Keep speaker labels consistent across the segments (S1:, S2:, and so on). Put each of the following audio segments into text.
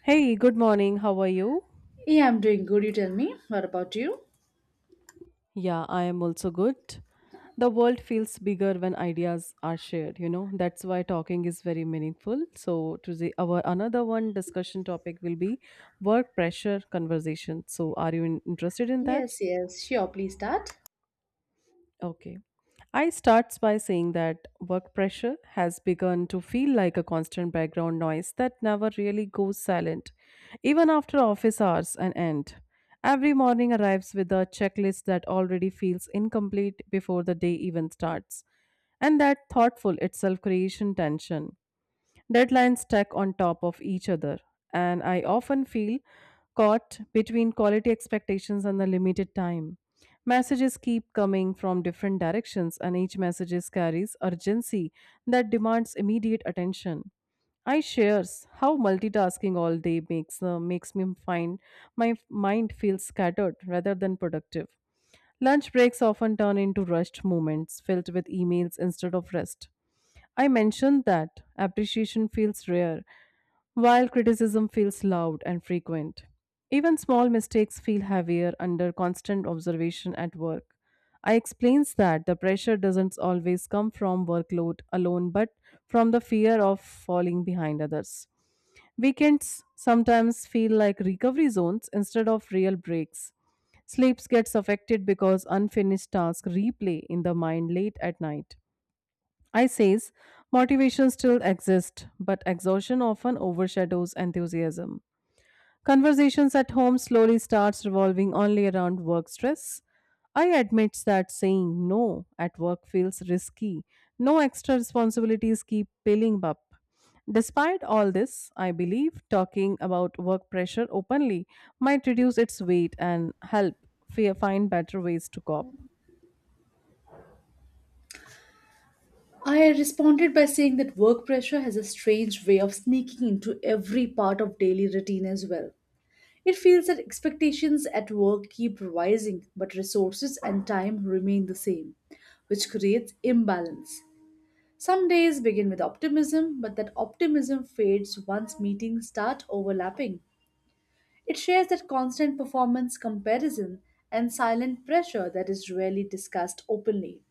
S1: Hey, good morning. How are you?
S2: Yeah, I'm doing good. You tell me. What about you?
S1: Yeah, I am also good. The world feels bigger when ideas are shared, you know. That's why talking is very meaningful. So, today our another one discussion topic will be work pressure conversation. So, are you interested in that?
S2: Yes, yes, sure. Please start.
S1: Okay. I starts by saying that work pressure has begun to feel like a constant background noise that never really goes silent, even after office hours and end. Every morning arrives with a checklist that already feels incomplete before the day even starts. And that thoughtful itself creation tension. Deadlines stack on top of each other, and I often feel caught between quality expectations and the limited time. Messages keep coming from different directions, and each message carries urgency that demands immediate attention. I shares how multitasking all day makes makes me find my mind feels scattered rather than productive. Lunch breaks often turn into rushed moments filled with emails instead of rest. I mentioned that appreciation feels rare, while criticism feels loud and frequent. Even small mistakes feel heavier under constant observation at work. I explains that the pressure doesn't always come from workload alone but from the fear of falling behind others. Weekends sometimes feel like recovery zones instead of real breaks. Sleeps gets affected because unfinished tasks replay in the mind late at night. I says motivation still exists, but exhaustion often overshadows enthusiasm. Conversations at home slowly starts revolving only around work stress. I admit that saying no at work feels risky. No extra responsibilities keep piling up. Despite all this, I believe talking about work pressure openly might reduce its weight and help find better ways to cope.
S2: I responded by saying that work pressure has a strange way of sneaking into every part of daily routine as well. It feels that expectations at work keep rising, but resources and time remain the same, which creates imbalance. Some days begin with optimism, but that optimism fades once meetings start overlapping. It shares that constant performance comparison and silent pressure that is rarely discussed openly.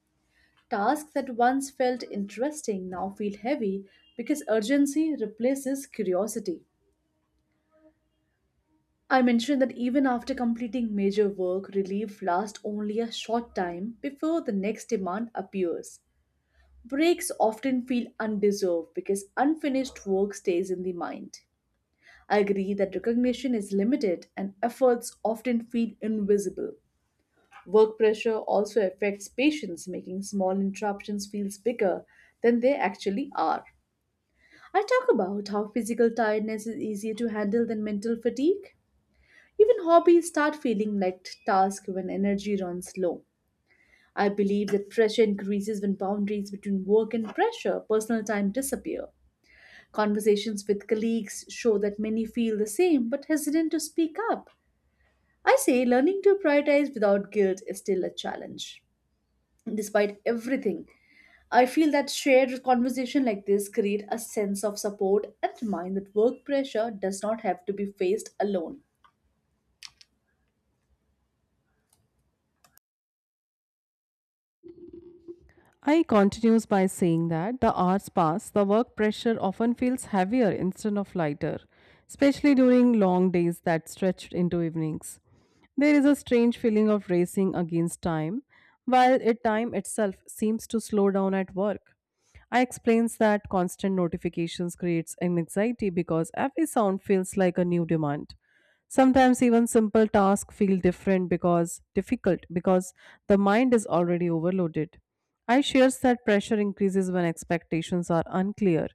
S2: Tasks that once felt interesting now feel heavy because urgency replaces curiosity. I mentioned that even after completing major work, relief lasts only a short time before the next demand appears. Breaks often feel undeserved because unfinished work stays in the mind. I agree that recognition is limited and efforts often feel invisible. Work pressure also affects patients, making small interruptions feel bigger than they actually are. I talk about how physical tiredness is easier to handle than mental fatigue. Even hobbies start feeling like tasks when energy runs low. I believe that pressure increases when boundaries between work and pressure, personal time disappear. Conversations with colleagues show that many feel the same but hesitant to speak up. I say learning to prioritize without guilt is still a challenge, despite everything. I feel that shared conversation like this create a sense of support and remind that work pressure does not have to be faced alone.
S1: I continues by saying that the hours pass, the work pressure often feels heavier instead of lighter, especially during long days that stretched into evenings. There is a strange feeling of racing against time, while it time itself seems to slow down at work. I explains that constant notifications creates an anxiety because every sound feels like a new demand. Sometimes even simple tasks feel different because difficult because the mind is already overloaded. I shares that pressure increases when expectations are unclear,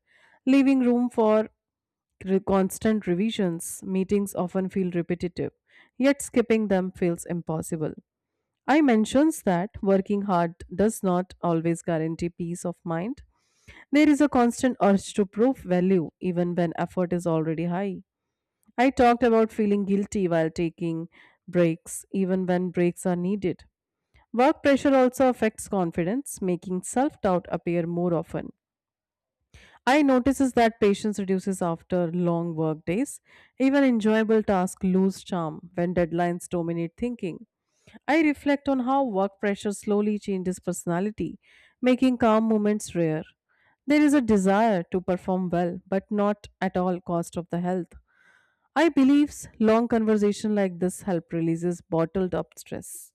S1: leaving room for constant revisions. Meetings often feel repetitive, yet skipping them feels impossible. I mentions that working hard does not always guarantee peace of mind. There is a constant urge to prove value even when effort is already high. I talked about feeling guilty while taking breaks, even when breaks are needed. Work pressure also affects confidence, making self doubt appear more often. I notices that patience reduces after long work days. Even enjoyable tasks lose charm when deadlines dominate thinking. I reflect on how work pressure slowly changes personality, making calm moments rare. There is a desire to perform well, but not at all cost of the health. I believe long conversation like this help releases bottled up stress.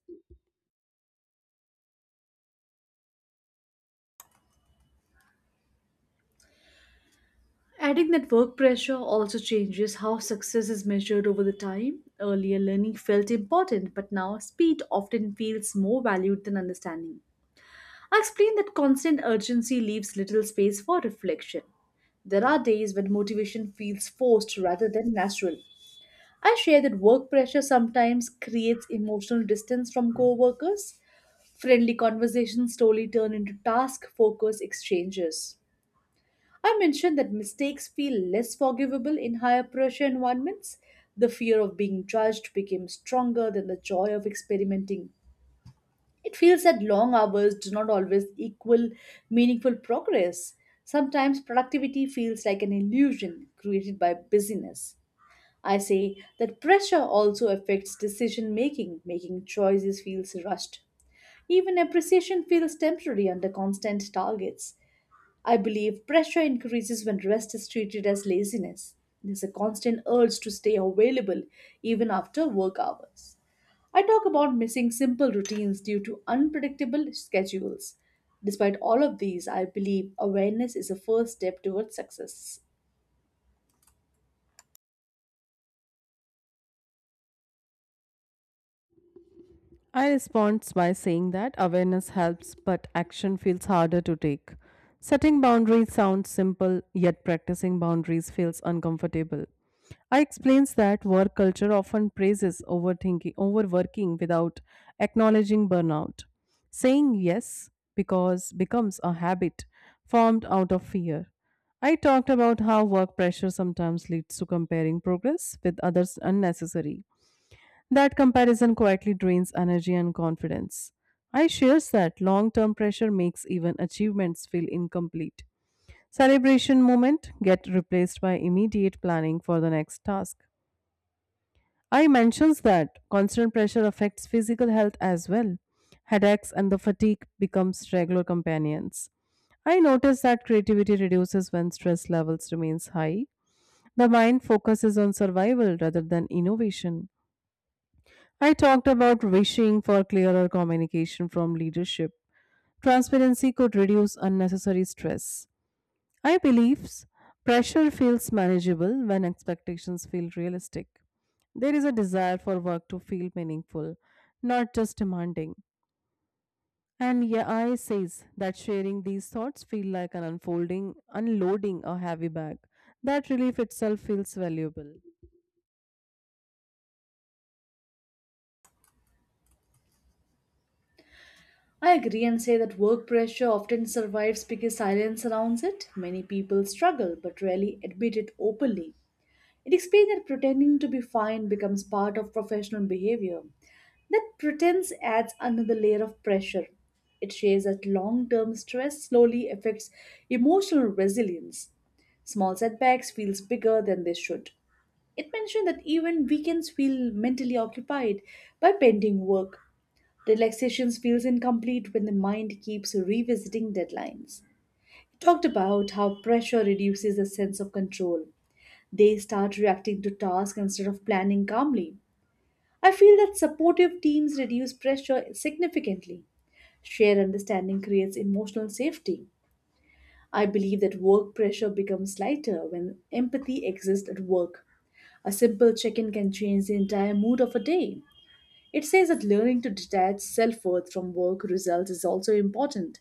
S2: Adding that work pressure also changes how success is measured over the time. Earlier, learning felt important, but now speed often feels more valued than understanding. I explained that constant urgency leaves little space for reflection. There are days when motivation feels forced rather than natural. I share that work pressure sometimes creates emotional distance from coworkers. Friendly conversations slowly turn into task focused exchanges. I mentioned that mistakes feel less forgivable in higher pressure environments. The fear of being judged became stronger than the joy of experimenting. It feels that long hours do not always equal meaningful progress. Sometimes productivity feels like an illusion created by busyness. I say that pressure also affects decision making, making choices feels rushed. Even appreciation feels temporary under constant targets. I believe pressure increases when rest is treated as laziness. There's a constant urge to stay available even after work hours. I talk about missing simple routines due to unpredictable schedules. Despite all of these, I believe awareness is a first step towards success.
S1: I respond by saying that awareness helps, but action feels harder to take. Setting boundaries sounds simple, yet practicing boundaries feels uncomfortable. I explains that work culture often praises overthinking, overworking without acknowledging burnout. Saying yes because becomes a habit formed out of fear. I talked about how work pressure sometimes leads to comparing progress with others unnecessary. That comparison quietly drains energy and confidence. I shares that long term pressure makes even achievements feel incomplete. Celebration moment get replaced by immediate planning for the next task. I mentions that constant pressure affects physical health as well. Headaches and the fatigue becomes regular companions. I notice that creativity reduces when stress levels remains high. The mind focuses on survival rather than innovation. I talked about wishing for clearer communication from leadership. Transparency could reduce unnecessary stress. I believe pressure feels manageable when expectations feel realistic. There is a desire for work to feel meaningful, not just demanding. And yeah, I says that sharing these thoughts feel like an unfolding, unloading a heavy bag. That relief itself feels valuable.
S2: I agree and say that work pressure often survives because silence surrounds it. Many people struggle but rarely admit it openly. It explains that pretending to be fine becomes part of professional behavior. That pretense adds another layer of pressure. It shares that long term stress slowly affects emotional resilience. Small setbacks feels bigger than they should. It mentioned that even weekends feel mentally occupied by pending work. Relaxation feels incomplete when the mind keeps revisiting deadlines. He talked about how pressure reduces a sense of control. They start reacting to tasks instead of planning calmly. I feel that supportive teams reduce pressure significantly. Shared understanding creates emotional safety. I believe that work pressure becomes lighter when empathy exists at work. A simple check in can change the entire mood of a day. It says that learning to detach self worth from work results is also important.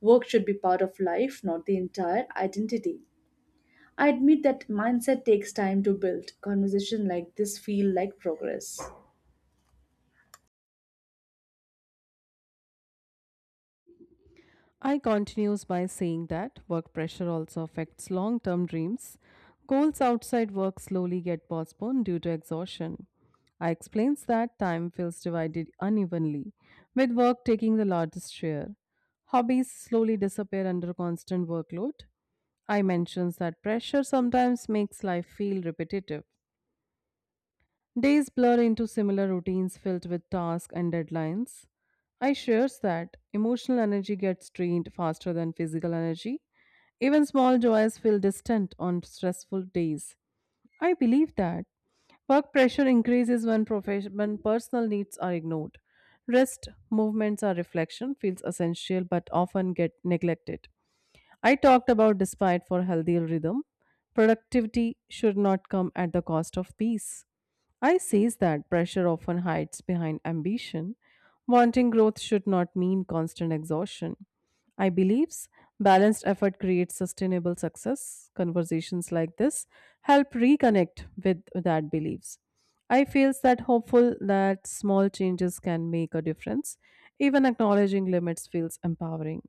S2: Work should be part of life, not the entire identity. I admit that mindset takes time to build. Conversation like this feel like progress.
S1: I continues by saying that work pressure also affects long term dreams. Goals outside work slowly get postponed due to exhaustion. I explains that time feels divided unevenly, with work taking the largest share. Hobbies slowly disappear under constant workload. I mentions that pressure sometimes makes life feel repetitive. Days blur into similar routines filled with tasks and deadlines. I shares that emotional energy gets drained faster than physical energy. Even small joys feel distant on stressful days. I believe that work pressure increases when, profession, when personal needs are ignored. Rest, movements, or reflection feels essential but often get neglected. I talked about despite for healthy rhythm, productivity should not come at the cost of peace. I says that pressure often hides behind ambition. Wanting growth should not mean constant exhaustion. I believes balanced effort creates sustainable success. Conversations like this help reconnect with that beliefs. I feels that hopeful that small changes can make a difference. Even acknowledging limits feels empowering.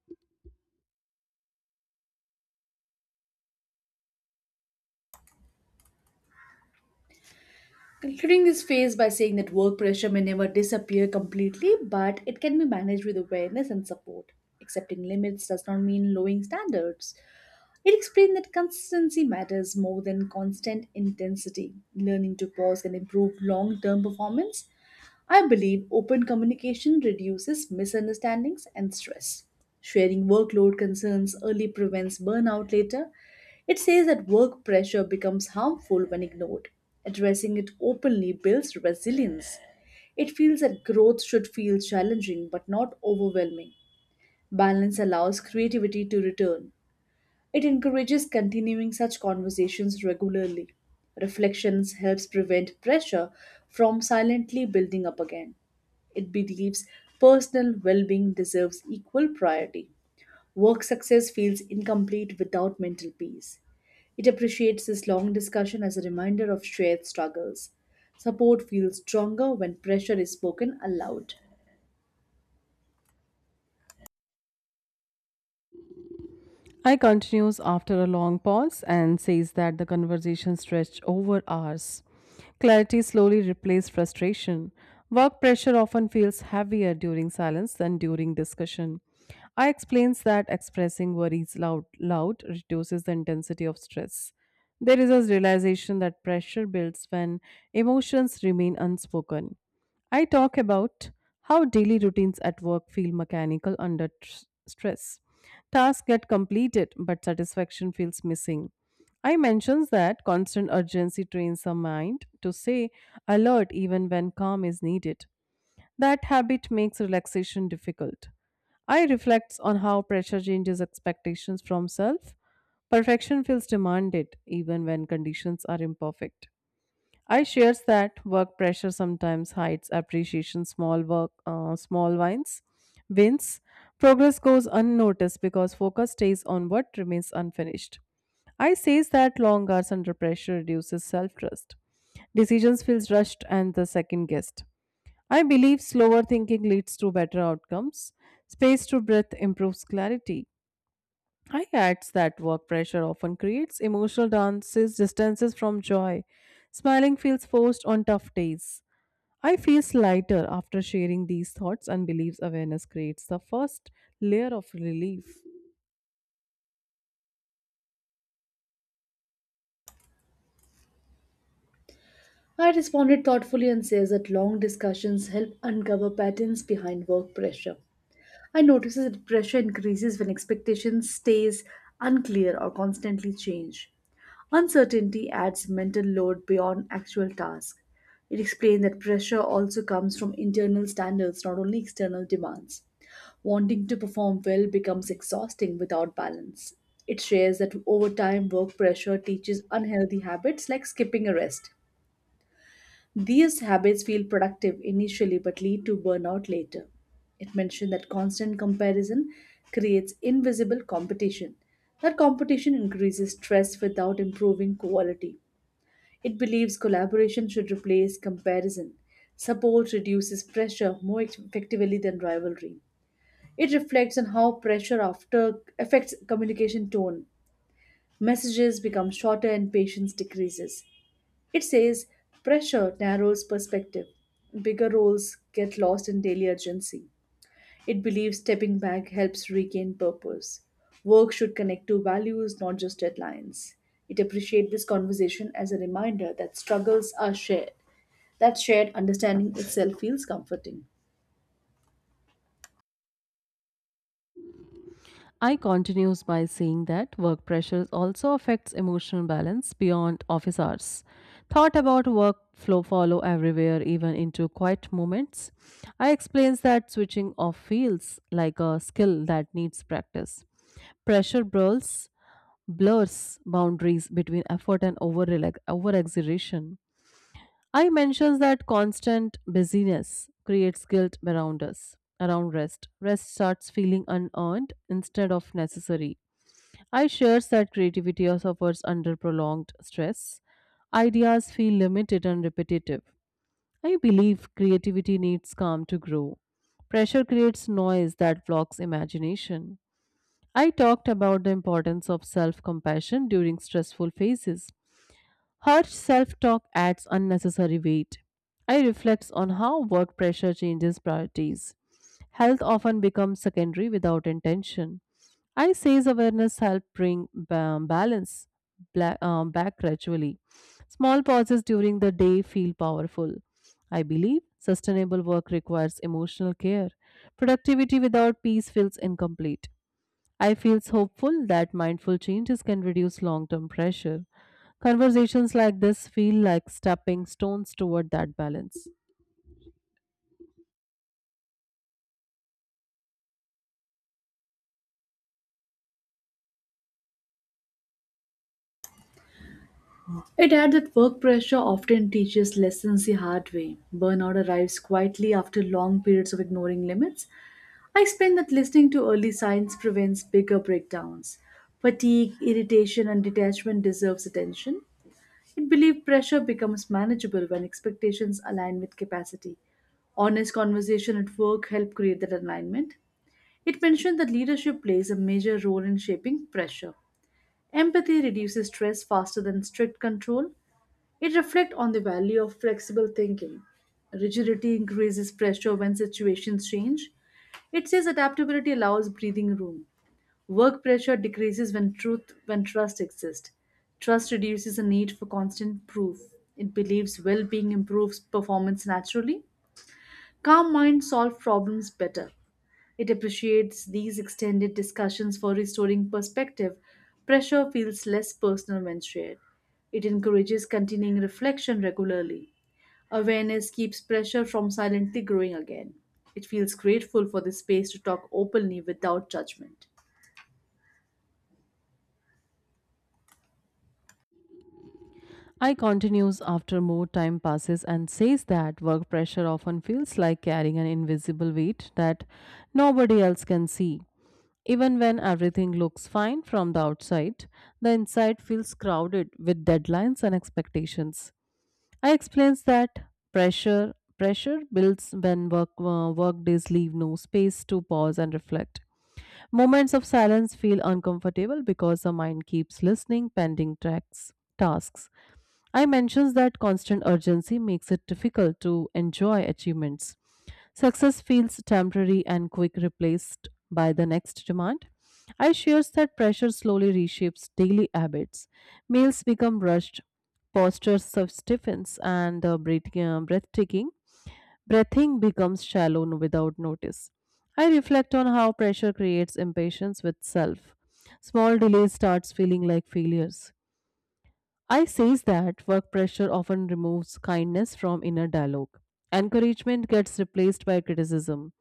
S2: Concluding this phase by saying that work pressure may never disappear completely, but it can be managed with awareness and support. Accepting limits does not mean lowering standards. It explained that consistency matters more than constant intensity. Learning to pause can improve long term performance. I believe open communication reduces misunderstandings and stress. Sharing workload concerns early prevents burnout later. It says that work pressure becomes harmful when ignored. Addressing it openly builds resilience. It feels that growth should feel challenging but not overwhelming. Balance allows creativity to return. It encourages continuing such conversations regularly. Reflections helps prevent pressure from silently building up again. It believes personal well being deserves equal priority. Work success feels incomplete without mental peace. It appreciates this long discussion as a reminder of shared struggles. Support feels stronger when pressure is spoken aloud.
S1: I continues after a long pause and says that the conversation stretched over hours. Clarity slowly replaced frustration. Work pressure often feels heavier during silence than during discussion. I explains that expressing worries loud reduces the intensity of stress. There is a realization that pressure builds when emotions remain unspoken. I talk about how daily routines at work feel mechanical under stress. Tasks get completed, but satisfaction feels missing. I mentions that constant urgency trains the mind to stay alert even when calm is needed. That habit makes relaxation difficult. I reflects on how pressure changes expectations from self. Perfection feels demanded even when conditions are imperfect. I shares that work pressure sometimes hides appreciation small work small wins progress goes unnoticed because focus stays on what remains unfinished. I says that long hours under pressure reduces self-trust. Decisions feels rushed and the second guessed. I believe slower thinking leads to better outcomes. Space to breath improves clarity. I adds that work pressure often creates emotional dances, distances from joy. Smiling feels forced on tough days. I feel lighter after sharing these thoughts and believes awareness creates the first layer of relief.
S2: I responded thoughtfully and says that long discussions help uncover patterns behind work pressure. I notice that pressure increases when expectations stays unclear or constantly change. Uncertainty adds mental load beyond actual task. It explained that pressure also comes from internal standards, not only external demands. Wanting to perform well becomes exhausting without balance. It shares that over time, work pressure teaches unhealthy habits like skipping a rest. These habits feel productive initially but lead to burnout later. It mentioned that constant comparison creates invisible competition. That competition increases stress without improving quality. It believes collaboration should replace comparison. Support reduces pressure more effectively than rivalry. It reflects on how pressure after affects communication tone. Messages become shorter and patience decreases. It says pressure narrows perspective, bigger roles get lost in daily urgency. It believes stepping back helps regain purpose. Work should connect to values, not just deadlines. It appreciates this conversation as a reminder that struggles are shared. That shared understanding itself feels comforting.
S1: I continues by saying that work pressures also affects emotional balance beyond office hours. Thought about work flow follow everywhere, even into quiet moments. I explains that switching off feels like a skill that needs practice. Pressure blurs boundaries between effort and over exaggeration. I mentions that constant busyness creates guilt around us around rest. Rest starts feeling unearned instead of necessary. I shares that creativity suffers under prolonged stress. Ideas feel limited and repetitive. I believe creativity needs calm to grow. Pressure creates noise that blocks imagination. I talked about the importance of self compassion during stressful phases. Harsh self talk adds unnecessary weight. I reflect on how work pressure changes priorities. Health often becomes secondary without intention. I says awareness help bring balance back gradually. Small pauses during the day feel powerful. I believe sustainable work requires emotional care. Productivity without peace feels incomplete. I feel hopeful that mindful changes can reduce long term pressure. Conversations like this feel like stepping stones toward that balance.
S2: It adds that work pressure often teaches lessons the hard way. Burnout arrives quietly after long periods of ignoring limits. I explained that listening to early signs prevents bigger breakdowns. Fatigue, irritation, and detachment deserves attention. It believed pressure becomes manageable when expectations align with capacity. Honest conversation at work help create that alignment. It mentioned that leadership plays a major role in shaping pressure. Empathy reduces stress faster than strict control. It reflects on the value of flexible thinking. Rigidity increases pressure when situations change. It says adaptability allows breathing room. Work pressure decreases when truth when trust exists. Trust reduces the need for constant proof. It believes well-being improves performance naturally. Calm minds solve problems better. It appreciates these extended discussions for restoring perspective. Pressure feels less personal when shared. It encourages continuing reflection regularly. Awareness keeps pressure from silently growing again. It feels grateful for the space to talk openly without judgment.
S1: I continues after more time passes and says that work pressure often feels like carrying an invisible weight that nobody else can see. Even when everything looks fine from the outside, the inside feels crowded with deadlines and expectations. I explains that pressure pressure builds when work work days leave no space to pause and reflect. Moments of silence feel uncomfortable because the mind keeps listening pending tracks tasks. I mentions that constant urgency makes it difficult to enjoy achievements. Success feels temporary and quick replaced by the next demand. I shares that pressure slowly reshapes daily habits. Meals become rushed, postures of stiffens, and breathing, breathtaking. Breathing becomes shallow without notice. I reflect on how pressure creates impatience with self. Small delays starts feeling like failures. I says that work pressure often removes kindness from inner dialogue. Encouragement gets replaced by criticism.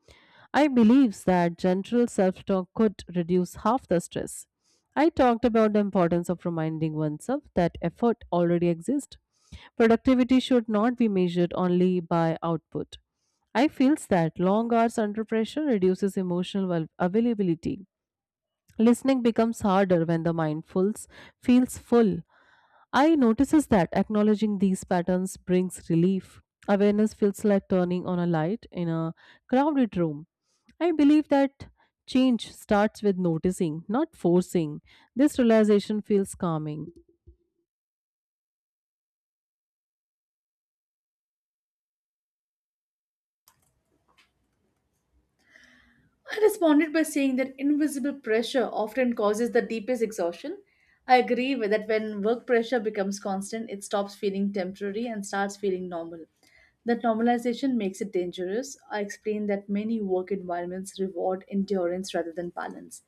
S1: I believes that gentle self-talk could reduce half the stress. I talked about the importance of reminding oneself that effort already exists. Productivity should not be measured only by output. I feels that long hours under pressure reduces emotional availability. Listening becomes harder when the mind feels full. I notices that acknowledging these patterns brings relief. Awareness feels like turning on a light in a crowded room. I believe that change starts with noticing, not forcing. This realization feels calming.
S2: I responded by saying that invisible pressure often causes the deepest exhaustion. I agree with that when work pressure becomes constant, it stops feeling temporary and starts feeling normal. That normalization makes it dangerous. I explained that many work environments reward endurance rather than balance.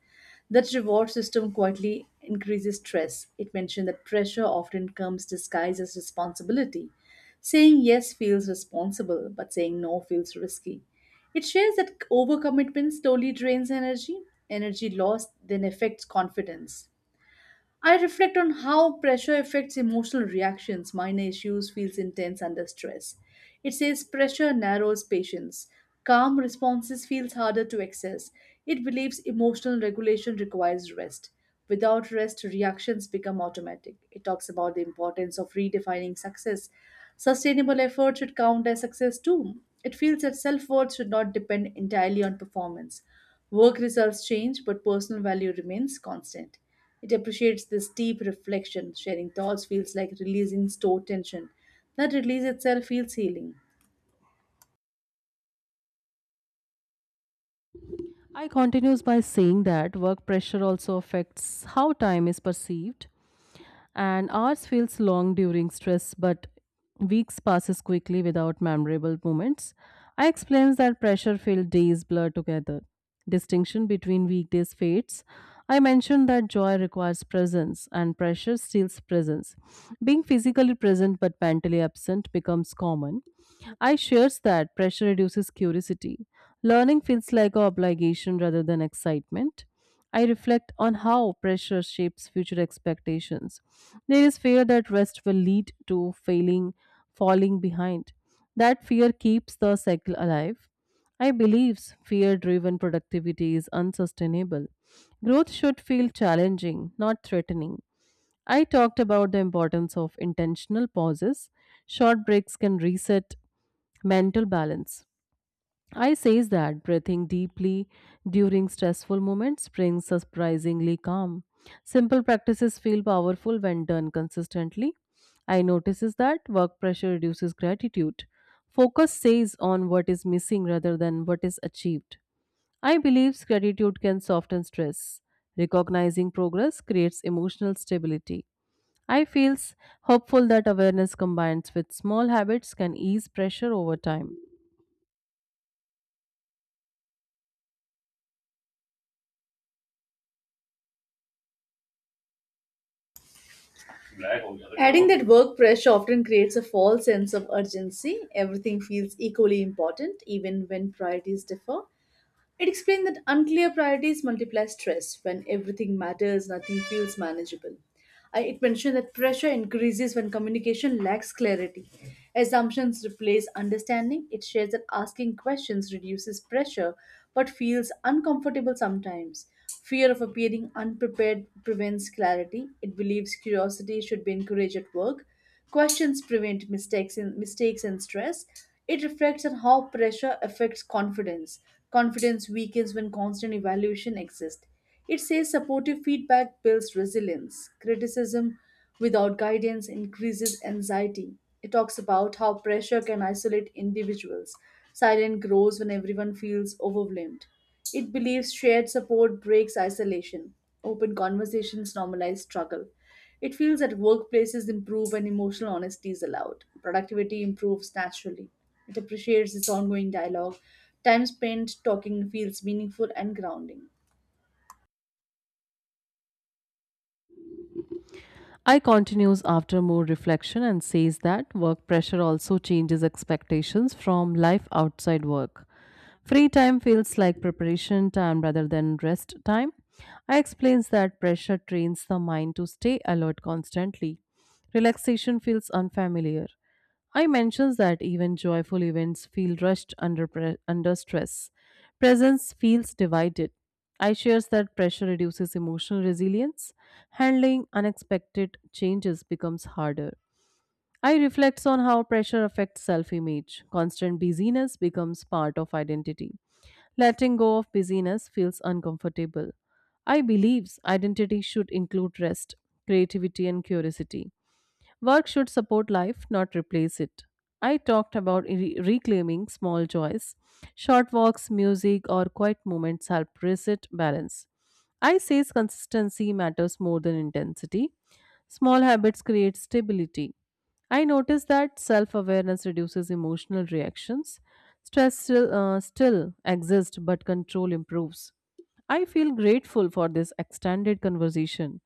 S2: That reward system quietly increases stress. It mentioned that pressure often comes disguised as responsibility. Saying yes feels responsible, but saying no feels risky. It shares that overcommitment slowly drains energy. Energy lost then affects confidence. I reflect on how pressure affects emotional reactions. Mine issues feels intense under stress. It says pressure narrows patience. Calm responses feels harder to access. It believes emotional regulation requires rest. Without rest, reactions become automatic. It talks about the importance of redefining success. Sustainable effort should count as success too. It feels that self worth should not depend entirely on performance. Work results change, but personal value remains constant. It appreciates this deep reflection. Sharing thoughts feels like releasing stored tension. That release itself feels healing.
S1: I continues by saying that work pressure also affects how time is perceived. And ours feels long during stress, but weeks passes quickly without memorable moments. I explains that pressure filled days blur together. Distinction between weekdays fades. I mentioned that joy requires presence and pressure steals presence. Being physically present but mentally absent becomes common. I shares that pressure reduces curiosity. Learning feels like an obligation rather than excitement. I reflect on how pressure shapes future expectations. There is fear that rest will lead to failing, falling behind. That fear keeps the cycle alive. I believe fear driven productivity is unsustainable. Growth should feel challenging, not threatening. I talked about the importance of intentional pauses. Short breaks can reset mental balance. I says that breathing deeply during stressful moments brings surprisingly calm. Simple practices feel powerful when done consistently. I notices that work pressure reduces gratitude. Focus stays on what is missing rather than what is achieved. I believe gratitude can soften stress. Recognizing progress creates emotional stability. I feels hopeful that awareness combines with small habits can ease pressure over time.
S2: Adding that work pressure often creates a false sense of urgency. Everything feels equally important, even when priorities differ. It explained that unclear priorities multiply stress. When everything matters, nothing feels manageable. It mentioned that pressure increases when communication lacks clarity. Assumptions replace understanding. It shares that asking questions reduces pressure but feels uncomfortable sometimes. Fear of appearing unprepared prevents clarity. It believes curiosity should be encouraged at work. Questions prevent mistakes and stress. It reflects on how pressure affects confidence. Confidence weakens when constant evaluation exists. It says supportive feedback builds resilience. Criticism without guidance increases anxiety. It talks about how pressure can isolate individuals. Silence grows when everyone feels overwhelmed. It believes shared support breaks isolation. Open conversations normalize struggle. It feels that workplaces improve when emotional honesty is allowed. Productivity improves naturally. It appreciates its ongoing dialogue. Time spent talking feels meaningful and grounding.
S1: I continues after more reflection and says that work pressure also changes expectations from life outside work. Free time feels like preparation time rather than rest time. I explains that pressure trains the mind to stay alert constantly. Relaxation feels unfamiliar. I mentions that even joyful events feel rushed under under stress. Presence feels divided. I shares that pressure reduces emotional resilience. Handling unexpected changes becomes harder. I reflects on how pressure affects self-image. Constant busyness becomes part of identity. Letting go of busyness feels uncomfortable. I believes identity should include rest, creativity and curiosity. Work should support life, not replace it. I talked about reclaiming small joys. Short walks, music, or quiet moments help reset balance. I says consistency matters more than intensity. Small habits create stability. I notice that self awareness reduces emotional reactions. Stress still exists, but control improves. I feel grateful for this extended conversation.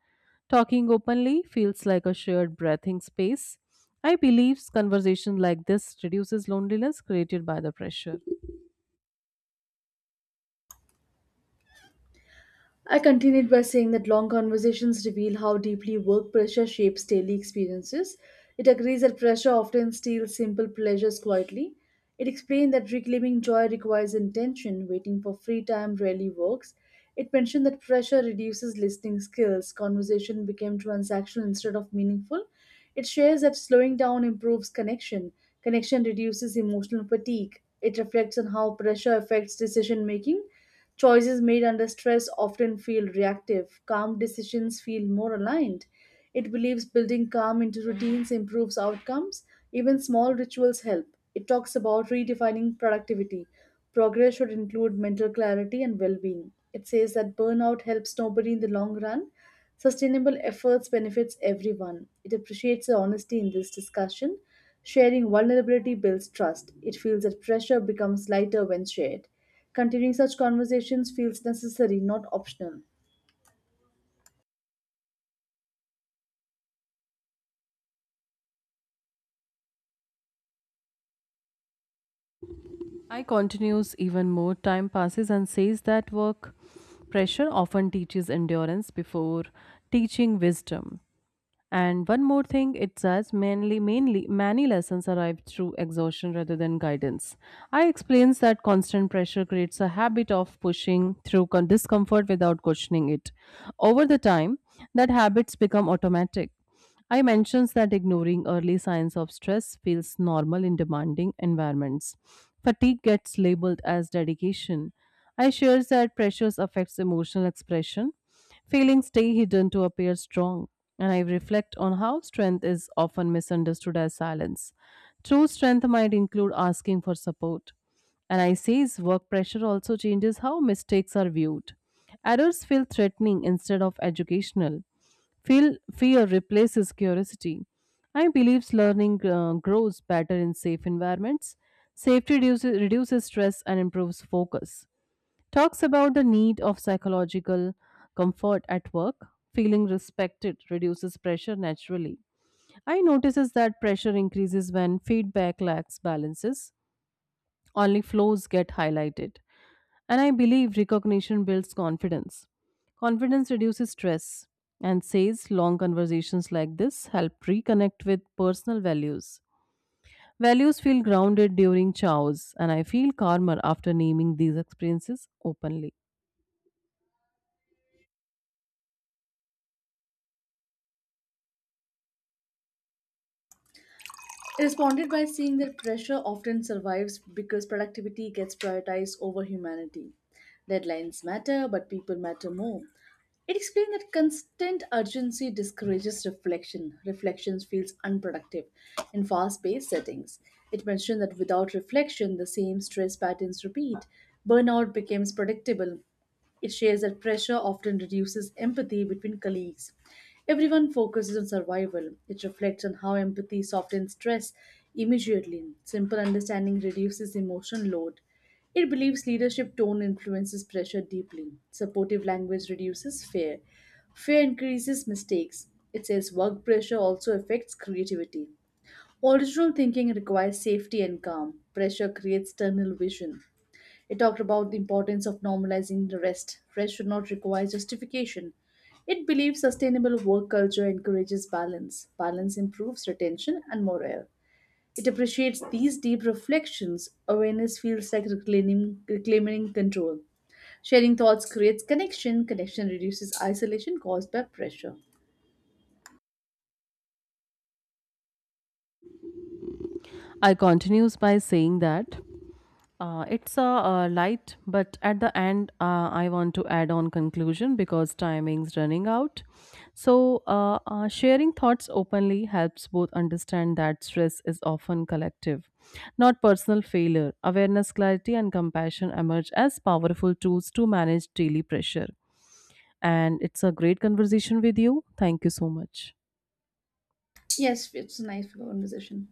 S1: Talking openly feels like a shared breathing space. I believe conversation like this reduces loneliness created by the pressure.
S2: I continued by saying that long conversations reveal how deeply work pressure shapes daily experiences. It agrees that pressure often steals simple pleasures quietly. It explained that reclaiming joy requires intention, waiting for free time rarely works. It mentioned that pressure reduces listening skills, conversation became transactional instead of meaningful. It shares that slowing down improves connection, connection reduces emotional fatigue. It reflects on how pressure affects decision making. Choices made under stress often feel reactive. Calm decisions feel more aligned. It believes building calm into routines improves outcomes. Even small rituals help. It talks about redefining productivity. Progress should include mental clarity and well being. It says that burnout helps nobody in the long run. Sustainable efforts benefits everyone. It appreciates the honesty in this discussion. Sharing vulnerability builds trust. It feels that pressure becomes lighter when shared. Continuing such conversations feels necessary, not optional.
S1: I continues even more time passes and says that work pressure often teaches endurance before teaching wisdom. And one more thing, it says mainly many lessons arrive through exhaustion rather than guidance. I explains that constant pressure creates a habit of pushing through discomfort without questioning it. Over the time, that habits become automatic. I mentions that ignoring early signs of stress feels normal in demanding environments. Fatigue gets labeled as dedication. I shares that pressures affects emotional expression. Feelings stay hidden to appear strong. And I reflect on how strength is often misunderstood as silence. True strength might include asking for support. And I says work pressure also changes how mistakes are viewed. Errors feel threatening instead of educational. Feel fear replaces curiosity. I believe learning grows better in safe environments. Safety reduces stress and improves focus. Talks about the need of psychological comfort at work. Feeling respected reduces pressure naturally. I notices that pressure increases when feedback lacks balances. Only flows get highlighted. And I believe recognition builds confidence. Confidence reduces stress and says long conversations like this help reconnect with personal values. Values feel grounded during chows, and I feel calmer after naming these experiences openly.
S2: I responded by seeing that pressure often survives because productivity gets prioritized over humanity. Deadlines matter, but people matter more. It explained that constant urgency discourages reflection. Reflection feels unproductive in fast paced settings. It mentioned that without reflection, the same stress patterns repeat. Burnout becomes predictable. It shares that pressure often reduces empathy between colleagues. Everyone focuses on survival. It reflects on how empathy softens stress immediately. Simple understanding reduces emotional load. It believes leadership tone influences pressure deeply. Supportive language reduces fear. Fear increases mistakes. It says work pressure also affects creativity. Original thinking requires safety and calm. Pressure creates tunnel vision. It talked about the importance of normalizing the rest. Rest should not require justification. It believes sustainable work culture encourages balance. Balance improves retention and morale. It appreciates these deep reflections. Awareness feels like reclaiming control. Sharing thoughts creates connection. Connection reduces isolation caused by pressure.
S1: I continues by saying that it's a, light, but at the end, I want to add on conclusion because timing's running out. So, sharing thoughts openly helps both understand that stress is often collective, not personal failure. Awareness, clarity, and compassion emerge as powerful tools to manage daily pressure. And it's a great conversation with you. Thank you so much.
S2: Yes, it's a nice conversation.